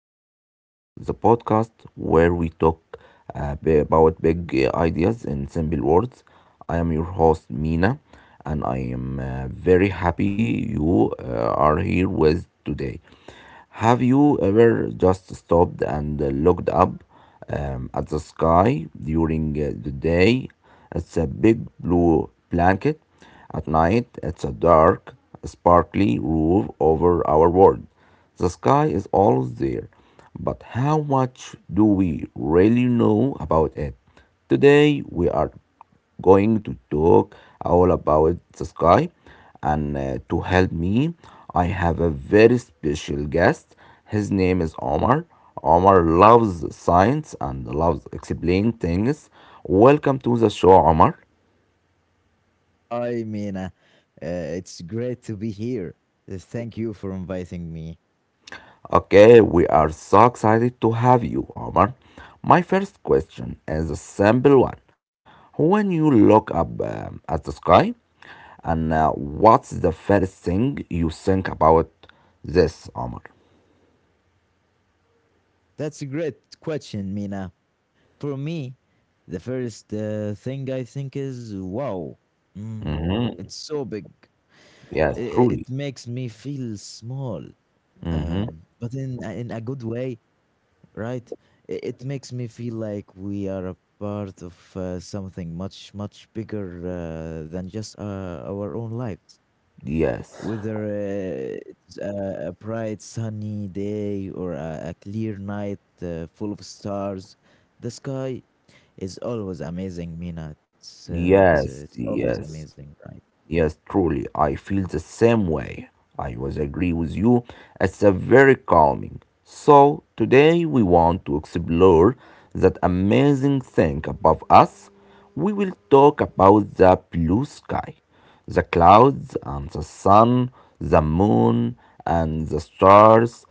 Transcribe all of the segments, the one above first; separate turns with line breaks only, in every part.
Simple Talks, the podcast where we talk about big ideas in simple words. I am your host Mina, and I am very happy you are here with today. Have you ever just stopped and looked up at the sky during the day? It's a big blue blanket. At night, it's a dark, sparkly roof over our world. The sky is always there, but how much do we really know about it? Today, we are going to talk all about the sky, and to help me, I have a very special guest. His name is Omar. Omar loves science and loves explain things. Welcome to the show, Omar.
Hi, Mina. It's great to be here. Thank you for inviting me.
Okay, we are so excited to have you, Omar. My first question is a simple one. When you look up at the sky, and what's the first thing you think about this, Omar?
That's a great question, Mina. For me, the first thing I think is wow, mm, it's so big.
Yes,
It,
truly.
it makes me feel small, but in a good way, right? It makes me feel like we are a part of something much, much bigger than just our own lives.
Yes.
Whether it's a bright sunny day or a clear night full of stars, the sky is always amazing, Mina. It's, uh, it's, uh,
Yes,
it's always
yes.
amazing, right?
Yes, truly, I feel the same way. I was agree with you. It's a very calming. So today we want to explore that amazing thing above us. We will talk about the blue sky, the clouds and the sun, the moon and the stars.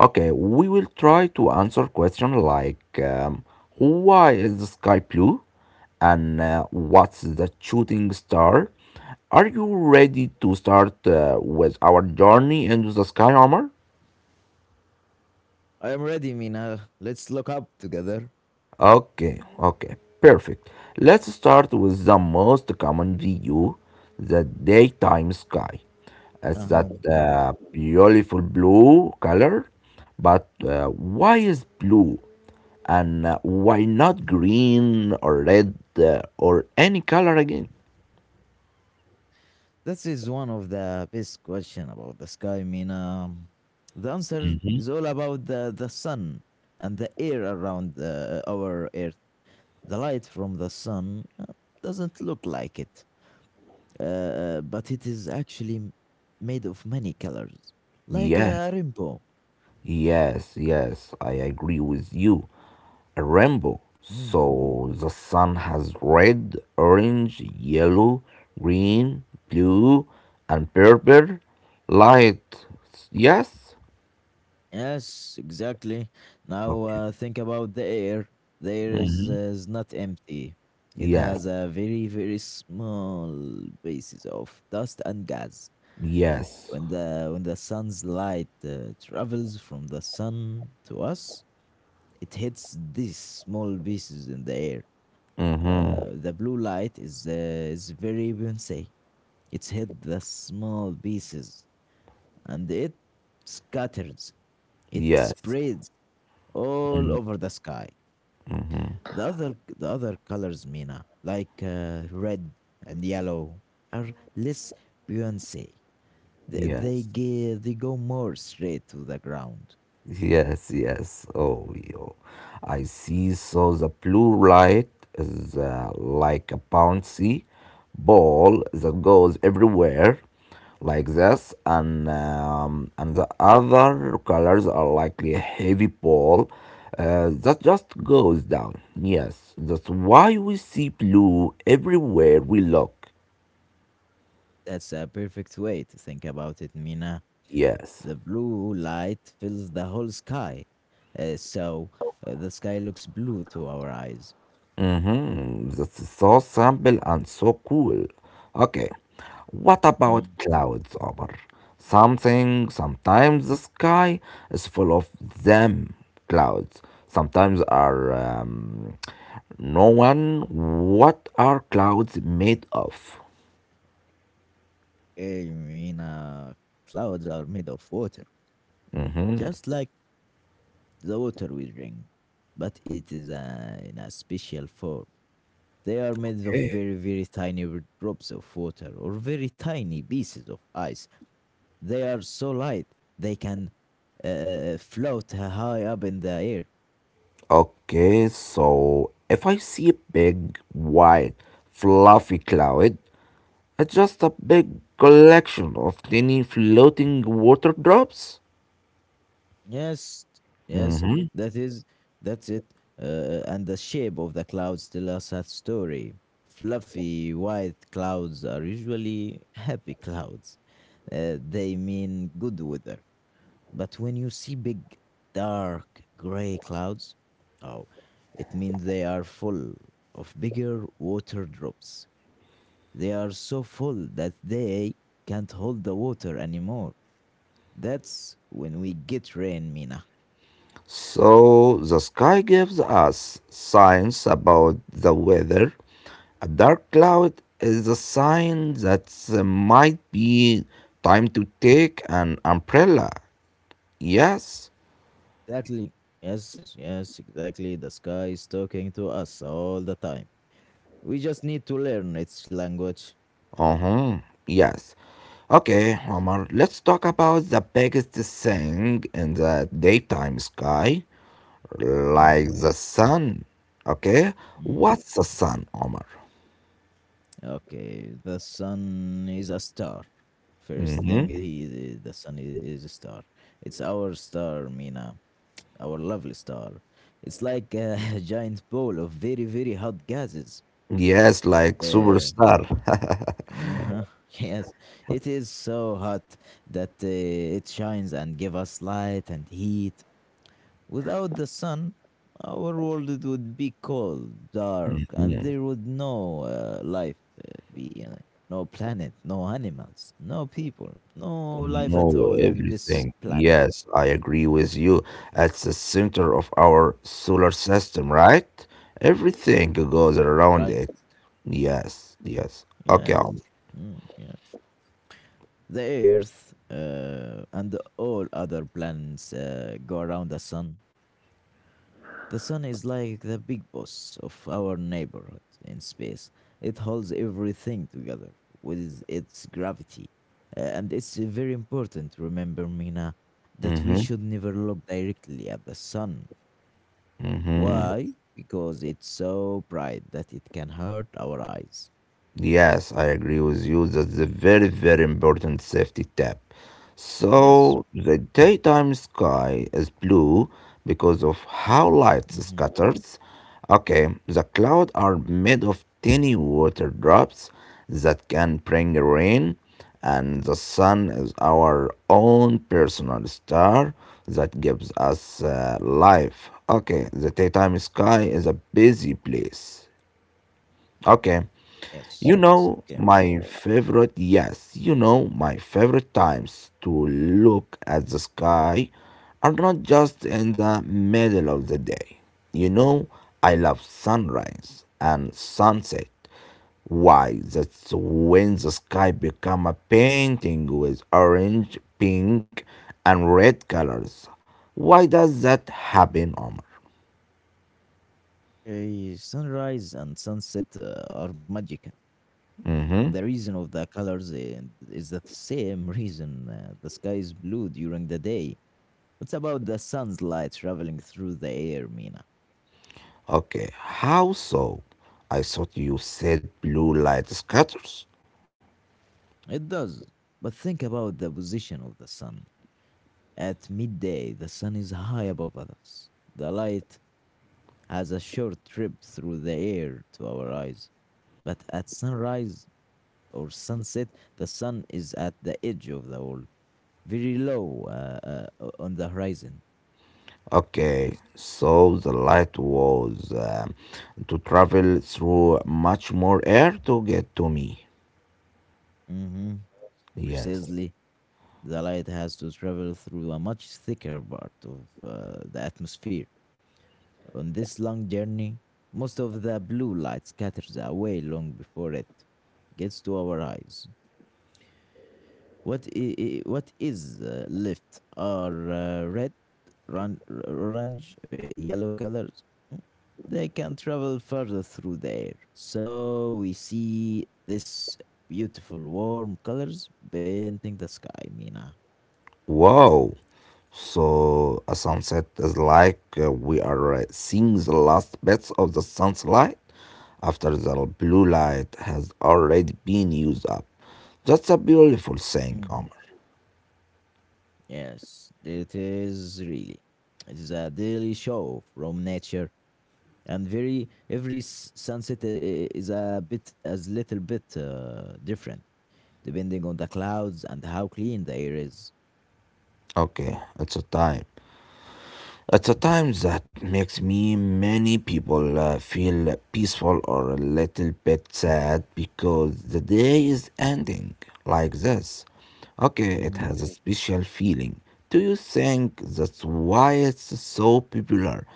Okay, we will try to answer questions like why is the sky blue? And what's the shooting star? Are you ready to start with our journey into the sky armor?
I am ready, Mina. Let's look up together.
Okay, okay, perfect. Let's start with the most common view, the daytime sky. It's that
Uh-huh. Mhm.
beautiful blue color, but why is blue, and why not green or red or any color again?
This is one of the best question about the sky. I mean, the answer is all about the sun and the air around our Earth. The light from the sun doesn't look like it, but it is actually made of many colors, like
Yes,
a rainbow.
yes, yes, I agree with you. A rainbow.
Mm.
So the sun has red, orange, yellow, green, blue, and purple light. Yes?
Yes, exactly. Now
Okay.
think about the air. The air is not empty. It
Yes.
has a very, very small basis of dust and gas.
Yes.
When the sun's light travels from the sun to us, it hits these small pieces in the air.
Mm-hmm.
The blue light is very bouncy. It's hit the small pieces and it scatters. It
Yes.
spreads all over the sky. The other colors, Mina, like red and yellow, are less buoyancy.
Yes.
They go more straight to the ground.
Yes, yes. Oh, yo. I see. So the blue light is like a bouncy ball that goes everywhere, like this, and the other colors are like a heavy ball that just goes down. Yes, that's why we see blue everywhere we look.
That's a perfect way to think about it, Mina.
Yes.
The blue light fills the whole sky, so the sky looks blue to our eyes.
Mm-hmm. That's so simple and so cool. Okay, what about
Mm.
clouds, Omar? Sometimes the sky is full of them clouds. Sometimes are no one. What are clouds made of?
Mina, clouds are made of water, just like the water we drink, but it is in a special form. They are made of
Okay,
very, very tiny drops of water or very tiny pieces of ice. They are so light they can float high up in the air.
okay, so if I see a big, white, fluffy cloud, it's just a big collection of tiny floating water drops.
Yes, yes, that is that's it. And the shape of the clouds tell us a story. Fluffy white clouds are usually happy clouds. They mean good weather. But when you see big, dark, gray clouds, oh, it means they are full of bigger water drops. They are so full that they can't hold the water anymore. That's when we get rain, Mina.
So the sky gives us signs about the weather. A dark cloud is a sign that might be time to take an umbrella. Yes?
Exactly. Yes, yes, yes, exactly. The sky is talking to us all the time. We just need to learn its language.
Uh huh. Yes. Okay, Omar, let's talk about the biggest thing in the daytime sky,
Mm,
like the sun. Okay?
mm.
What's the sun, Omar?
Okay, the sun is a star. First thing,
Hmm.
he the sun is a star. It's our star, Mina, our lovely star. It's like a giant ball of very, very hot gases.
Yes, like
Yeah.
superstar.
Uh-huh. Yes, it is so hot that it shines and give us light and heat. Without the sun, our world would be cold, dark, and there would no life be. No planet, no animals, no people, no life at
Know
all in this
everything.
planet,
Yes, I agree with you. At the center of our solar system, right? Everything goes around
right?
it. Yes, yes. Okay.
Yes, mm, yes. The Earth and all other planets go around the sun. The sun is like the big boss of our neighborhood in space. It holds everything together with its gravity. And it's very important, remember, Mina, that we
Mm-hmm.
should never look directly at the sun.
Mm-hmm.
Why? Because it's so bright that it can hurt our eyes.
Yes, I agree with you. That's a very, very important safety tip.
Yes.
So, the daytime sky is blue because of how light
Hmm.
scatters. Okay, the clouds are made of tiny water drops that can bring rain, and the sun is our own personal star that gives us life. Okay, the daytime sky is a busy place. Okay,
Yes. It's okay, Mina.
yes, you know my favorite times to look at the sky are not just in the middle of the day. You know, I love sunrise and sunset. Why? That's when the sky become a painting with orange, pink, and red colors. Why does that happen, Omar?
Okay, sunrise and sunset are magical. And
Mm-hmm.
the reason of the colors is the same reason the sky is blue during the day. It's about the sun's light traveling through the air, Mina.
Okay, how so? I thought you said blue light scatters.
It does. But think about the position of the sun. At midday, the sun is high above us. The light has a short trip through the air to our eyes. But at sunrise or sunset, the sun is at the edge of the world, very low on the horizon.
Okay, so the light was to travel through much more air to get to me.
Hmm.
Yes.
Precisely. The light has to travel through a much thicker part of the atmosphere. On this long journey, most of the blue light scatters away long before it gets to our eyes. What is left are red, run, orange, yellow colors. Mm. They can travel further through the air. So we see this beautiful warm colors painting the sky, Mina.
Wow. So a sunset is like we are seeing the last bits of the sun's light after the blue light has already been used up. That's a beautiful thing,
Hmm.
Omar.
Yes, it is really. It is a daily show from nature, and sunset is a bit as little bit different depending on the clouds and how clean the air is.
Okay, it's a time. At a time that makes me many people feel peaceful or a little bit sad because the day is ending like this. Okay,
Hmm.
it has a special feeling. Do you think that's why it's so popular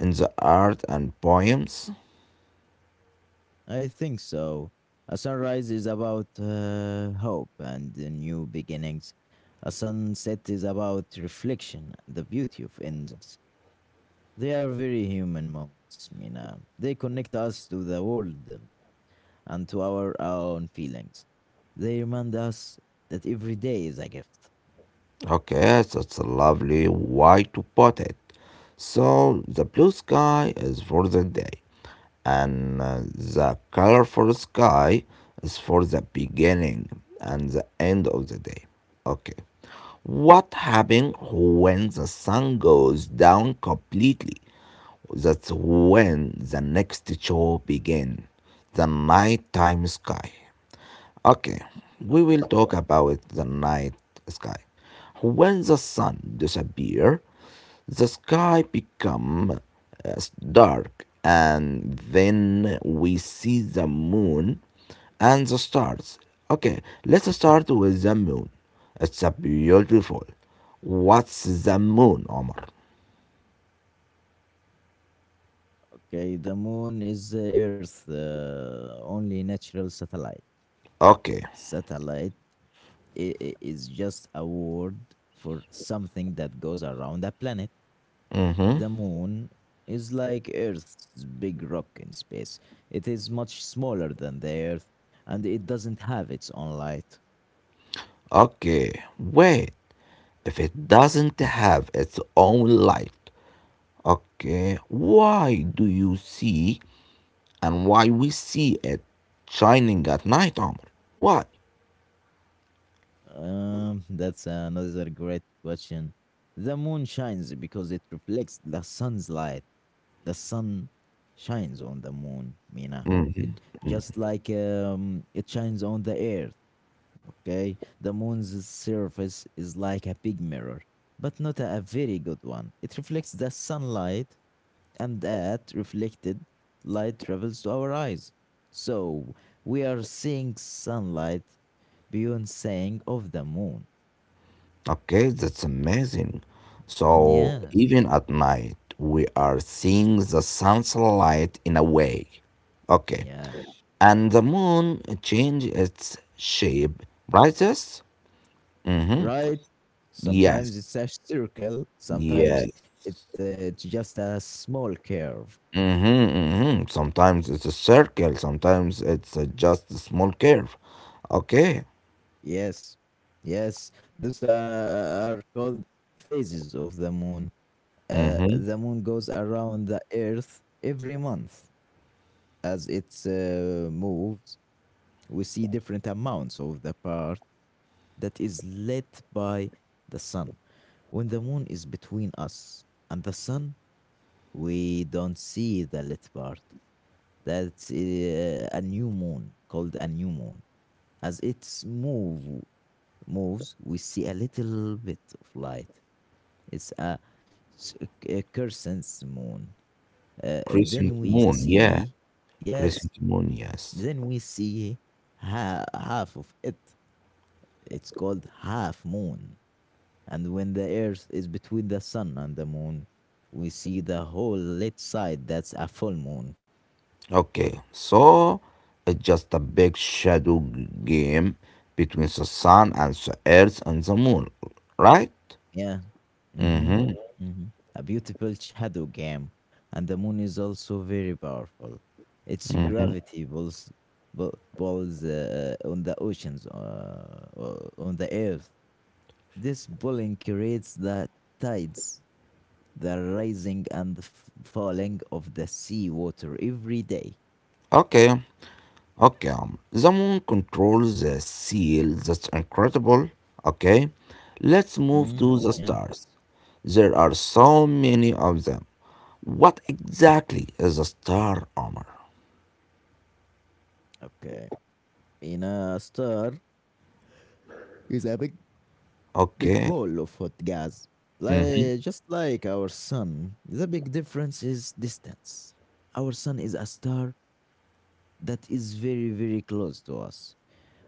in the art and poems?
I think so. A sunrise is about hope and the new beginnings. A sunset is about reflection and the beauty of endings. They are very human moments, Mina. They connect us to the world and to our own feelings. They remind us that every day is a gift.
Okay, that's a lovely way to put it. So the blue sky is for the day, and the colorful sky is for the beginning and the end of the day. Okay. What happens when the sun goes down completely? That's when the next show begins, the nighttime sky. Okay, we
Okay,
will talk about the night sky. When the sun disappears, the sky becomes dark, and then we see the moon and the stars. Okay, let's start with the moon. It's a beautiful. What's the moon, Omar?
okay. The moon is the Earth's only natural satellite.
Okay.
Satellite is just a word for something that goes around a planet.
Mm-hmm.
The moon is like Earth's big rock in space. It is much smaller than the Earth, and it doesn't have its own light.
Okay. Wait. If it doesn't have its own light, okay, why do you see and why we see it shining at night, Omar? Why?
That's another great question. The moon shines because it reflects the sun's light. The sun shines on the moon, Mina. It just like it shines on the earth. Okay, the moon's surface is like a big mirror, but not a very good one. It reflects the sunlight, and that reflected light travels to our eyes. So we are seeing sunlight beyond saying of the moon.
Okay, that's amazing. So
Yes.
even at night, we are seeing the sun's light in a way. Okay,
Yeah.
and the moon change its shape, right? Yes. Mm-hmm.
Right.
Yes.
Sometimes it's a circle. Sometimes
Yes.
it's just a small curve.
Mm-hmm, mm-hmm. Sometimes it's a circle, sometimes it's just a small curve. Okay.
Yes. Yes. Those are called phases of the moon.
Mm-hmm.
The moon goes around the earth every month. As it moves, we see different amounts of the part that is lit by the sun. When the moon is between us and the sun, we don't see the lit part. That's a new moon called a new moon. As it's move moves, we see a little bit of light. It's s- a crescent moon. Uh, then
Crescent
we
moon, yeah.
see, yes,
Crescent moon, yes.
then we see half of it. It's called half moon. And when the Earth is between the sun and the moon, we see the whole lit side. That's a full moon.
Okay, so it's just a big shadow game between the sun and the earth and the moon, right?
Yeah. Mm-hmm.
Mm-hmm.
Mm-hmm. A beautiful shadow game, and the moon is also very powerful. Its gravity pulls on the oceans, on the earth. This pulling creates the tides, the rising and falling of the sea water every day.
Okay, okay. The moon controls the seal. That's incredible. Okay, let's move
Mm,
to the
yeah.
stars. There are so many of them. What exactly is a star, Omar?
Okay. In a star is a big big
Okay.
ball of hot gas.
Mm-hmm.
Just like our sun, the big difference is distance. Our sun is a star that is very, very close to us.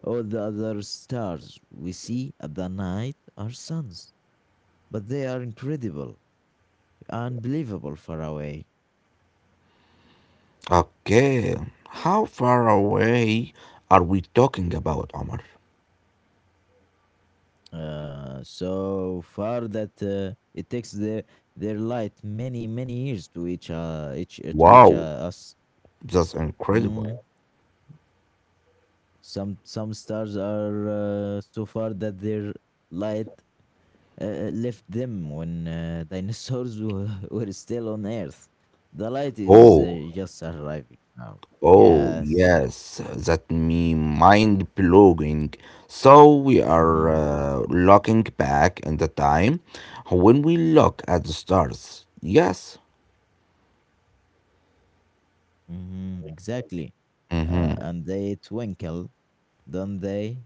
All the other stars we see at the night are suns, but they are incredible, unbelievable far away.
Okay, how far away are we talking about, Omar?
So far that it takes their light many many years to reach to reach
Wow.
us.
That's incredible.
Mm. Some stars are so far that their light left them when dinosaurs were, were still on Earth. The light is
Oh,
just arriving now.
oh,
Yes.
yes, that me mind blowing. So we are
Mm-hmm.
looking back in the time when we look at the stars. Yes.
Mm-hmm. Exactly.
Mm-hmm.
And they twinkle, don't they?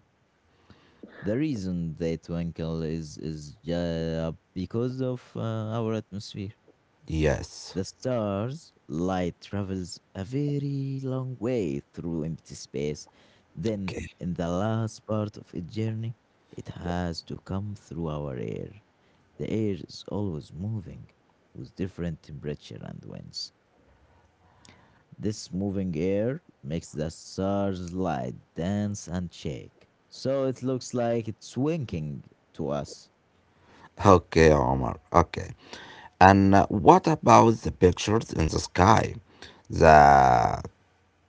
The reason they twinkle is because of our atmosphere.
Yes.
The stars' light travels a very long way through empty space. Then,
Okay.
in the last part of its journey, it has to come through our air. The air is always moving with different temperature and winds. This moving air makes the stars' light dance and shake. So it looks like it's winking to us.
Okay, Omar. Okay. And what about the pictures in the sky? The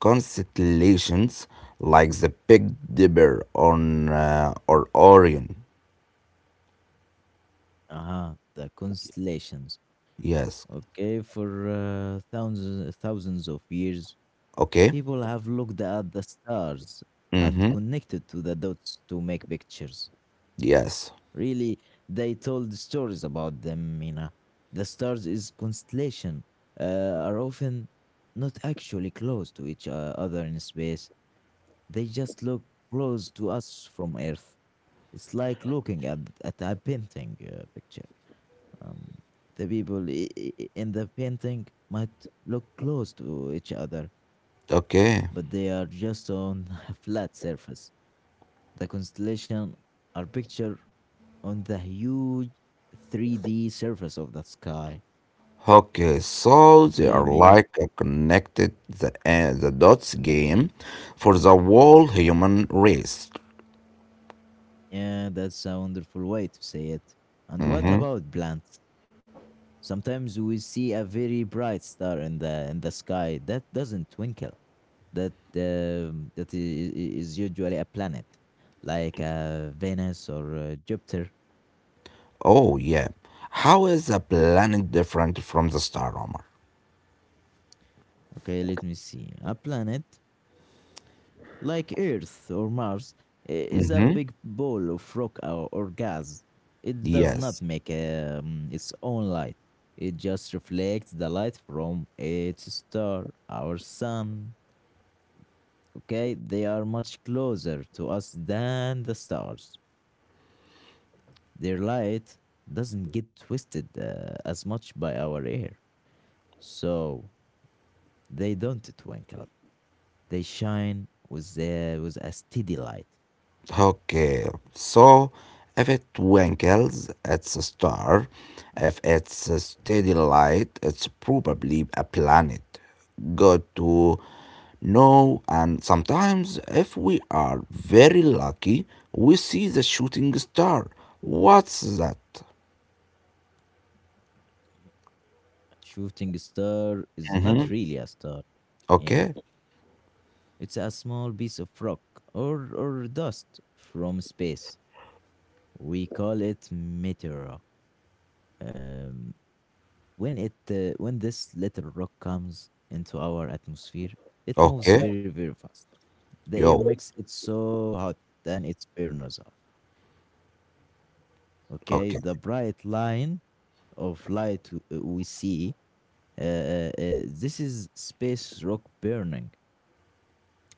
constellations like the Big Dipper on or Orion.
Aha, the constellations.
Yes.
Okay, for thousands of years,
Okay.
people have looked at the stars and
Mm-hmm.
connected to the dots to make pictures.
Yes.
Really, they told stories about them, Mina. The stars is constellation uh, are often not actually close to each other in space. They just look close to us from Earth. It's like looking at a painting picture. Um, the people in the painting might look close to each other,
Okay.
but they are just on a flat surface. The constellation are pictured on the huge 3D surface of the sky.
Okay. So they
Okay,
are
Mina.
like a connected the the dots game for the whole human race.
Yeah, that's a wonderful way to say it. And what
Mm-hmm.
about plants? Sometimes we see a very bright star in the sky that doesn't twinkle. That is usually a planet, like Venus or Jupiter.
Oh yeah. How is a planet different from the star, Omar?
Okay, let me see. A planet like Earth or Mars, is a
Mm-hmm.
big ball of rock or gas. It does
Yes.
not make its own light. It just reflects the light from its star, our sun. Okay, they are much closer to us than the stars. Their light doesn't get twisted as much by our air, so they don't twinkle. They shine with a steady light.
Okay, so if it twinkles, it's a star. If it's a steady light, it's probably a planet. Good to know. And sometimes, if we are very lucky, we see the shooting star. What's that?
Shooting star is not
Mm-hmm.
really a star, you know.
Okay,
It's a small piece of rock or dust from space. We call it meteor. Um, when it when this little rock comes into our atmosphere, it moves
okay,
very very fast. The air
yo,
makes it so hot then it burns up. Okay,
okay.
the bright line of light we see, this is space rock burning.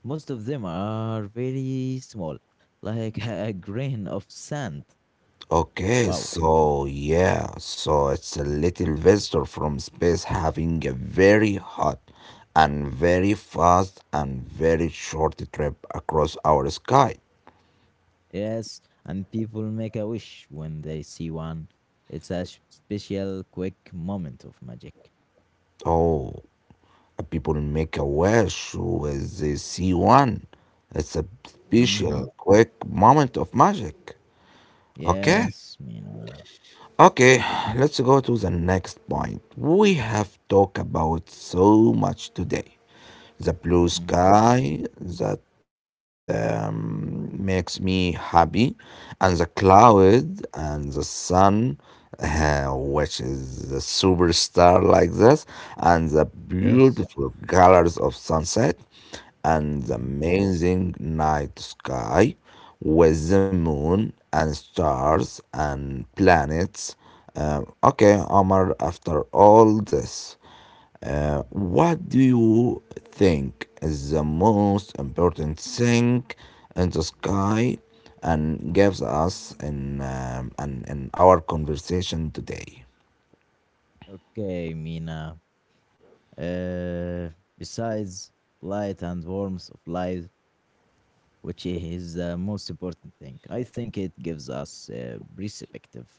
Most of them are very small, like a grain of sand.
Okay,
Wow.
so yeah, so it's a little visitor from space having a very hot and very fast and very short trip across our sky.
Yes, and people make a wish when they see one. It's a special, quick moment of magic.
Oh, people make a wish with the C1. It's a
Mm-hmm.
special quick moment of magic. Okay.
Yes, Mina.
Okay, let's go to the next point. We have talked about so much today. The blue
Mm-hmm.
sky that makes me happy, and the cloud and the sun, which is a superstar like this, and the
Yes.
beautiful colors of sunset and the
Mm-hmm.
amazing night sky with the moon and stars and planets. Okay, Omar, after all this, what do you think is the most important thing in the sky and gives us and in our conversation today?
Okay, Mina. Uh, Besides light and warmth of life, which is the most important thing, I think it gives us a perspective.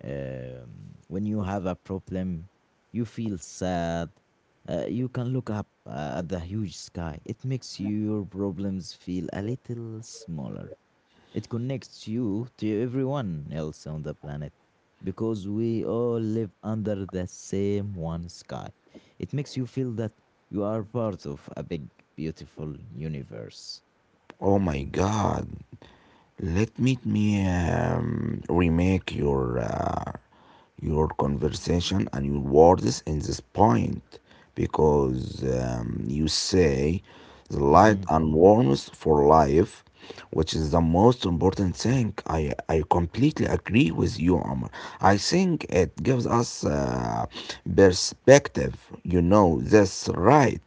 When you have a problem, you feel sad, you can look up at the huge sky. It makes your problems feel a little smaller. It connects you to everyone else on the planet, because we all live under the same one sky. It makes you feel that you are part of a big beautiful universe.
Oh my God. Let me remake your conversation and your words in this point because you say the light
Mhm.
and warmth for life, which is the most important thing. I completely agree with you, Omar. I think it gives us perspective. You know, that's right,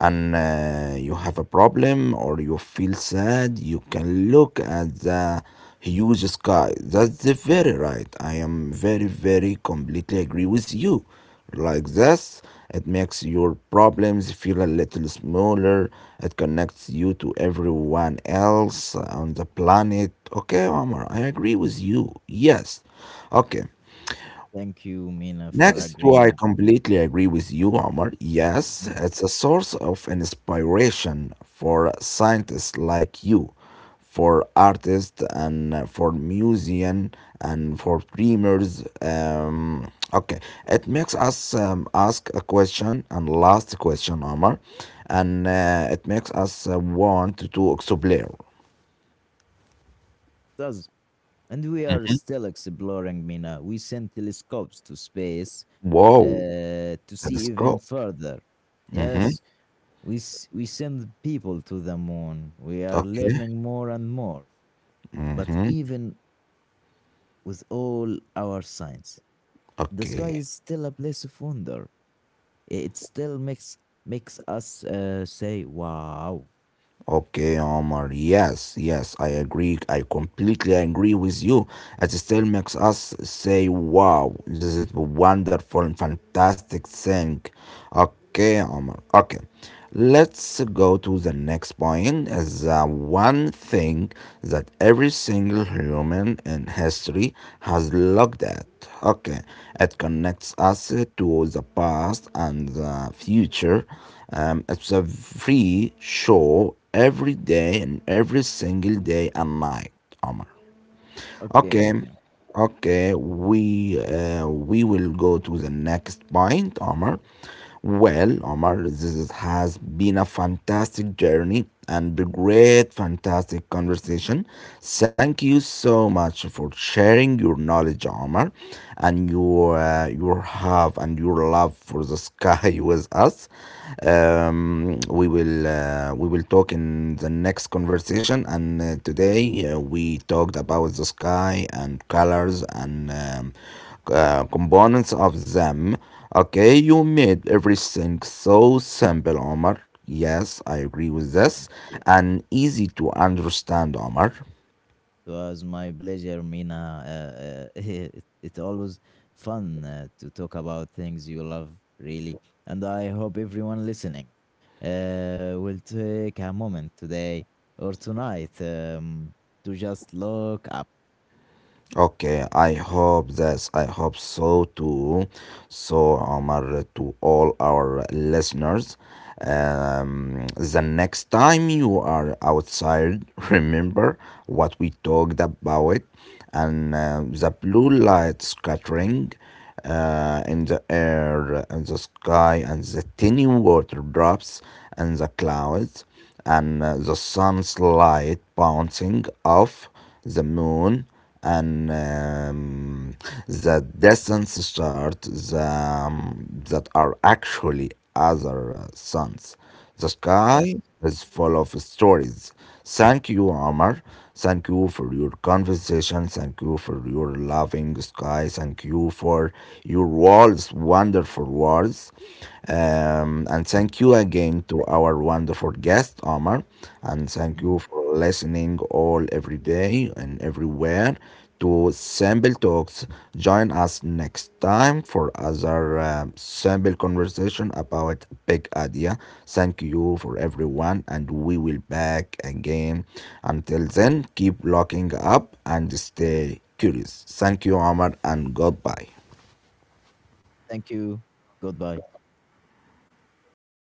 and you have a problem or you feel sad, you can look at the huge sky. That's the very right. I am very, very completely agree with you. Like this, it makes your problems feel a little smaller. It connects you to everyone else on the planet. Okay, Omar, I agree with you. Yes. Okay.
Thank you, Mina, for
Next, to I
agreeing.
completely agree with you, Omar. Yes,
Mm. It
it's a source of inspiration for scientists like you, for artists and for musicians and for dreamers. Okay, it makes us ask a question and last question, Omar, and it makes us want to explore.
does. And we are still exploring, Mina. We sent telescopes to space
Whoa,
to see even
telescope.
further.
Mm-hmm.
Yes, we send people to the moon. We are
Okay.
learning more and more. But
Mm-hmm.
even with all our science, the sky
Okay.
is still a place of wonder. It still makes us say, wow.
Okay, Omar. Yes, yes, I agree. I completely agree with you. It still makes us say, wow, this is a wonderful and fantastic thing. Okay, Omar. Okay. Let's go to the next point. Is the one thing that every single human in history has looked at. Okay, it connects us to the past and the future. It's a free show every day and every single day and night, Omar.
Okay,
Okay,
Mina.
okay, we will go to the next point, Omar. Well, Omar, this has been a fantastic journey and a great, fantastic conversation. Thank you so much for sharing your knowledge, Omar, and your have and your love for the sky with us. We will talk in the next conversation. And today we talked about the sky and colors and components of them. Okay, you made everything so simple, Omar. Yes, I agree with this, and easy to understand, Omar.
It was my pleasure, Mina. It's always fun to talk about things you love, really. And I hope everyone listening will take a moment today or tonight to just look up.
Okay, I hope this. I hope so too. So, Omar, to all our listeners, the next time you are outside, remember what we talked about and the blue light scattering in the air, in the sky, and the tiny water drops and the clouds and the sun's light bouncing off the moon and the distant stars that are actually other suns. The sky
Yes.
is full of stories. Thank you, Omar. Thank you for your conversation. Thank you for your loving sky. Thank you for your words, wonderful words. And thank you again to our wonderful guest, Omar. And thank you
Mhm.
for listening all every day and everywhere to Sample Talks. Join us next time for other sample conversation about big idea. Thank you for everyone, and we will back again. Until then, keep locking up and stay curious. Thank you, Omar, and goodbye.
Thank you. Goodbye.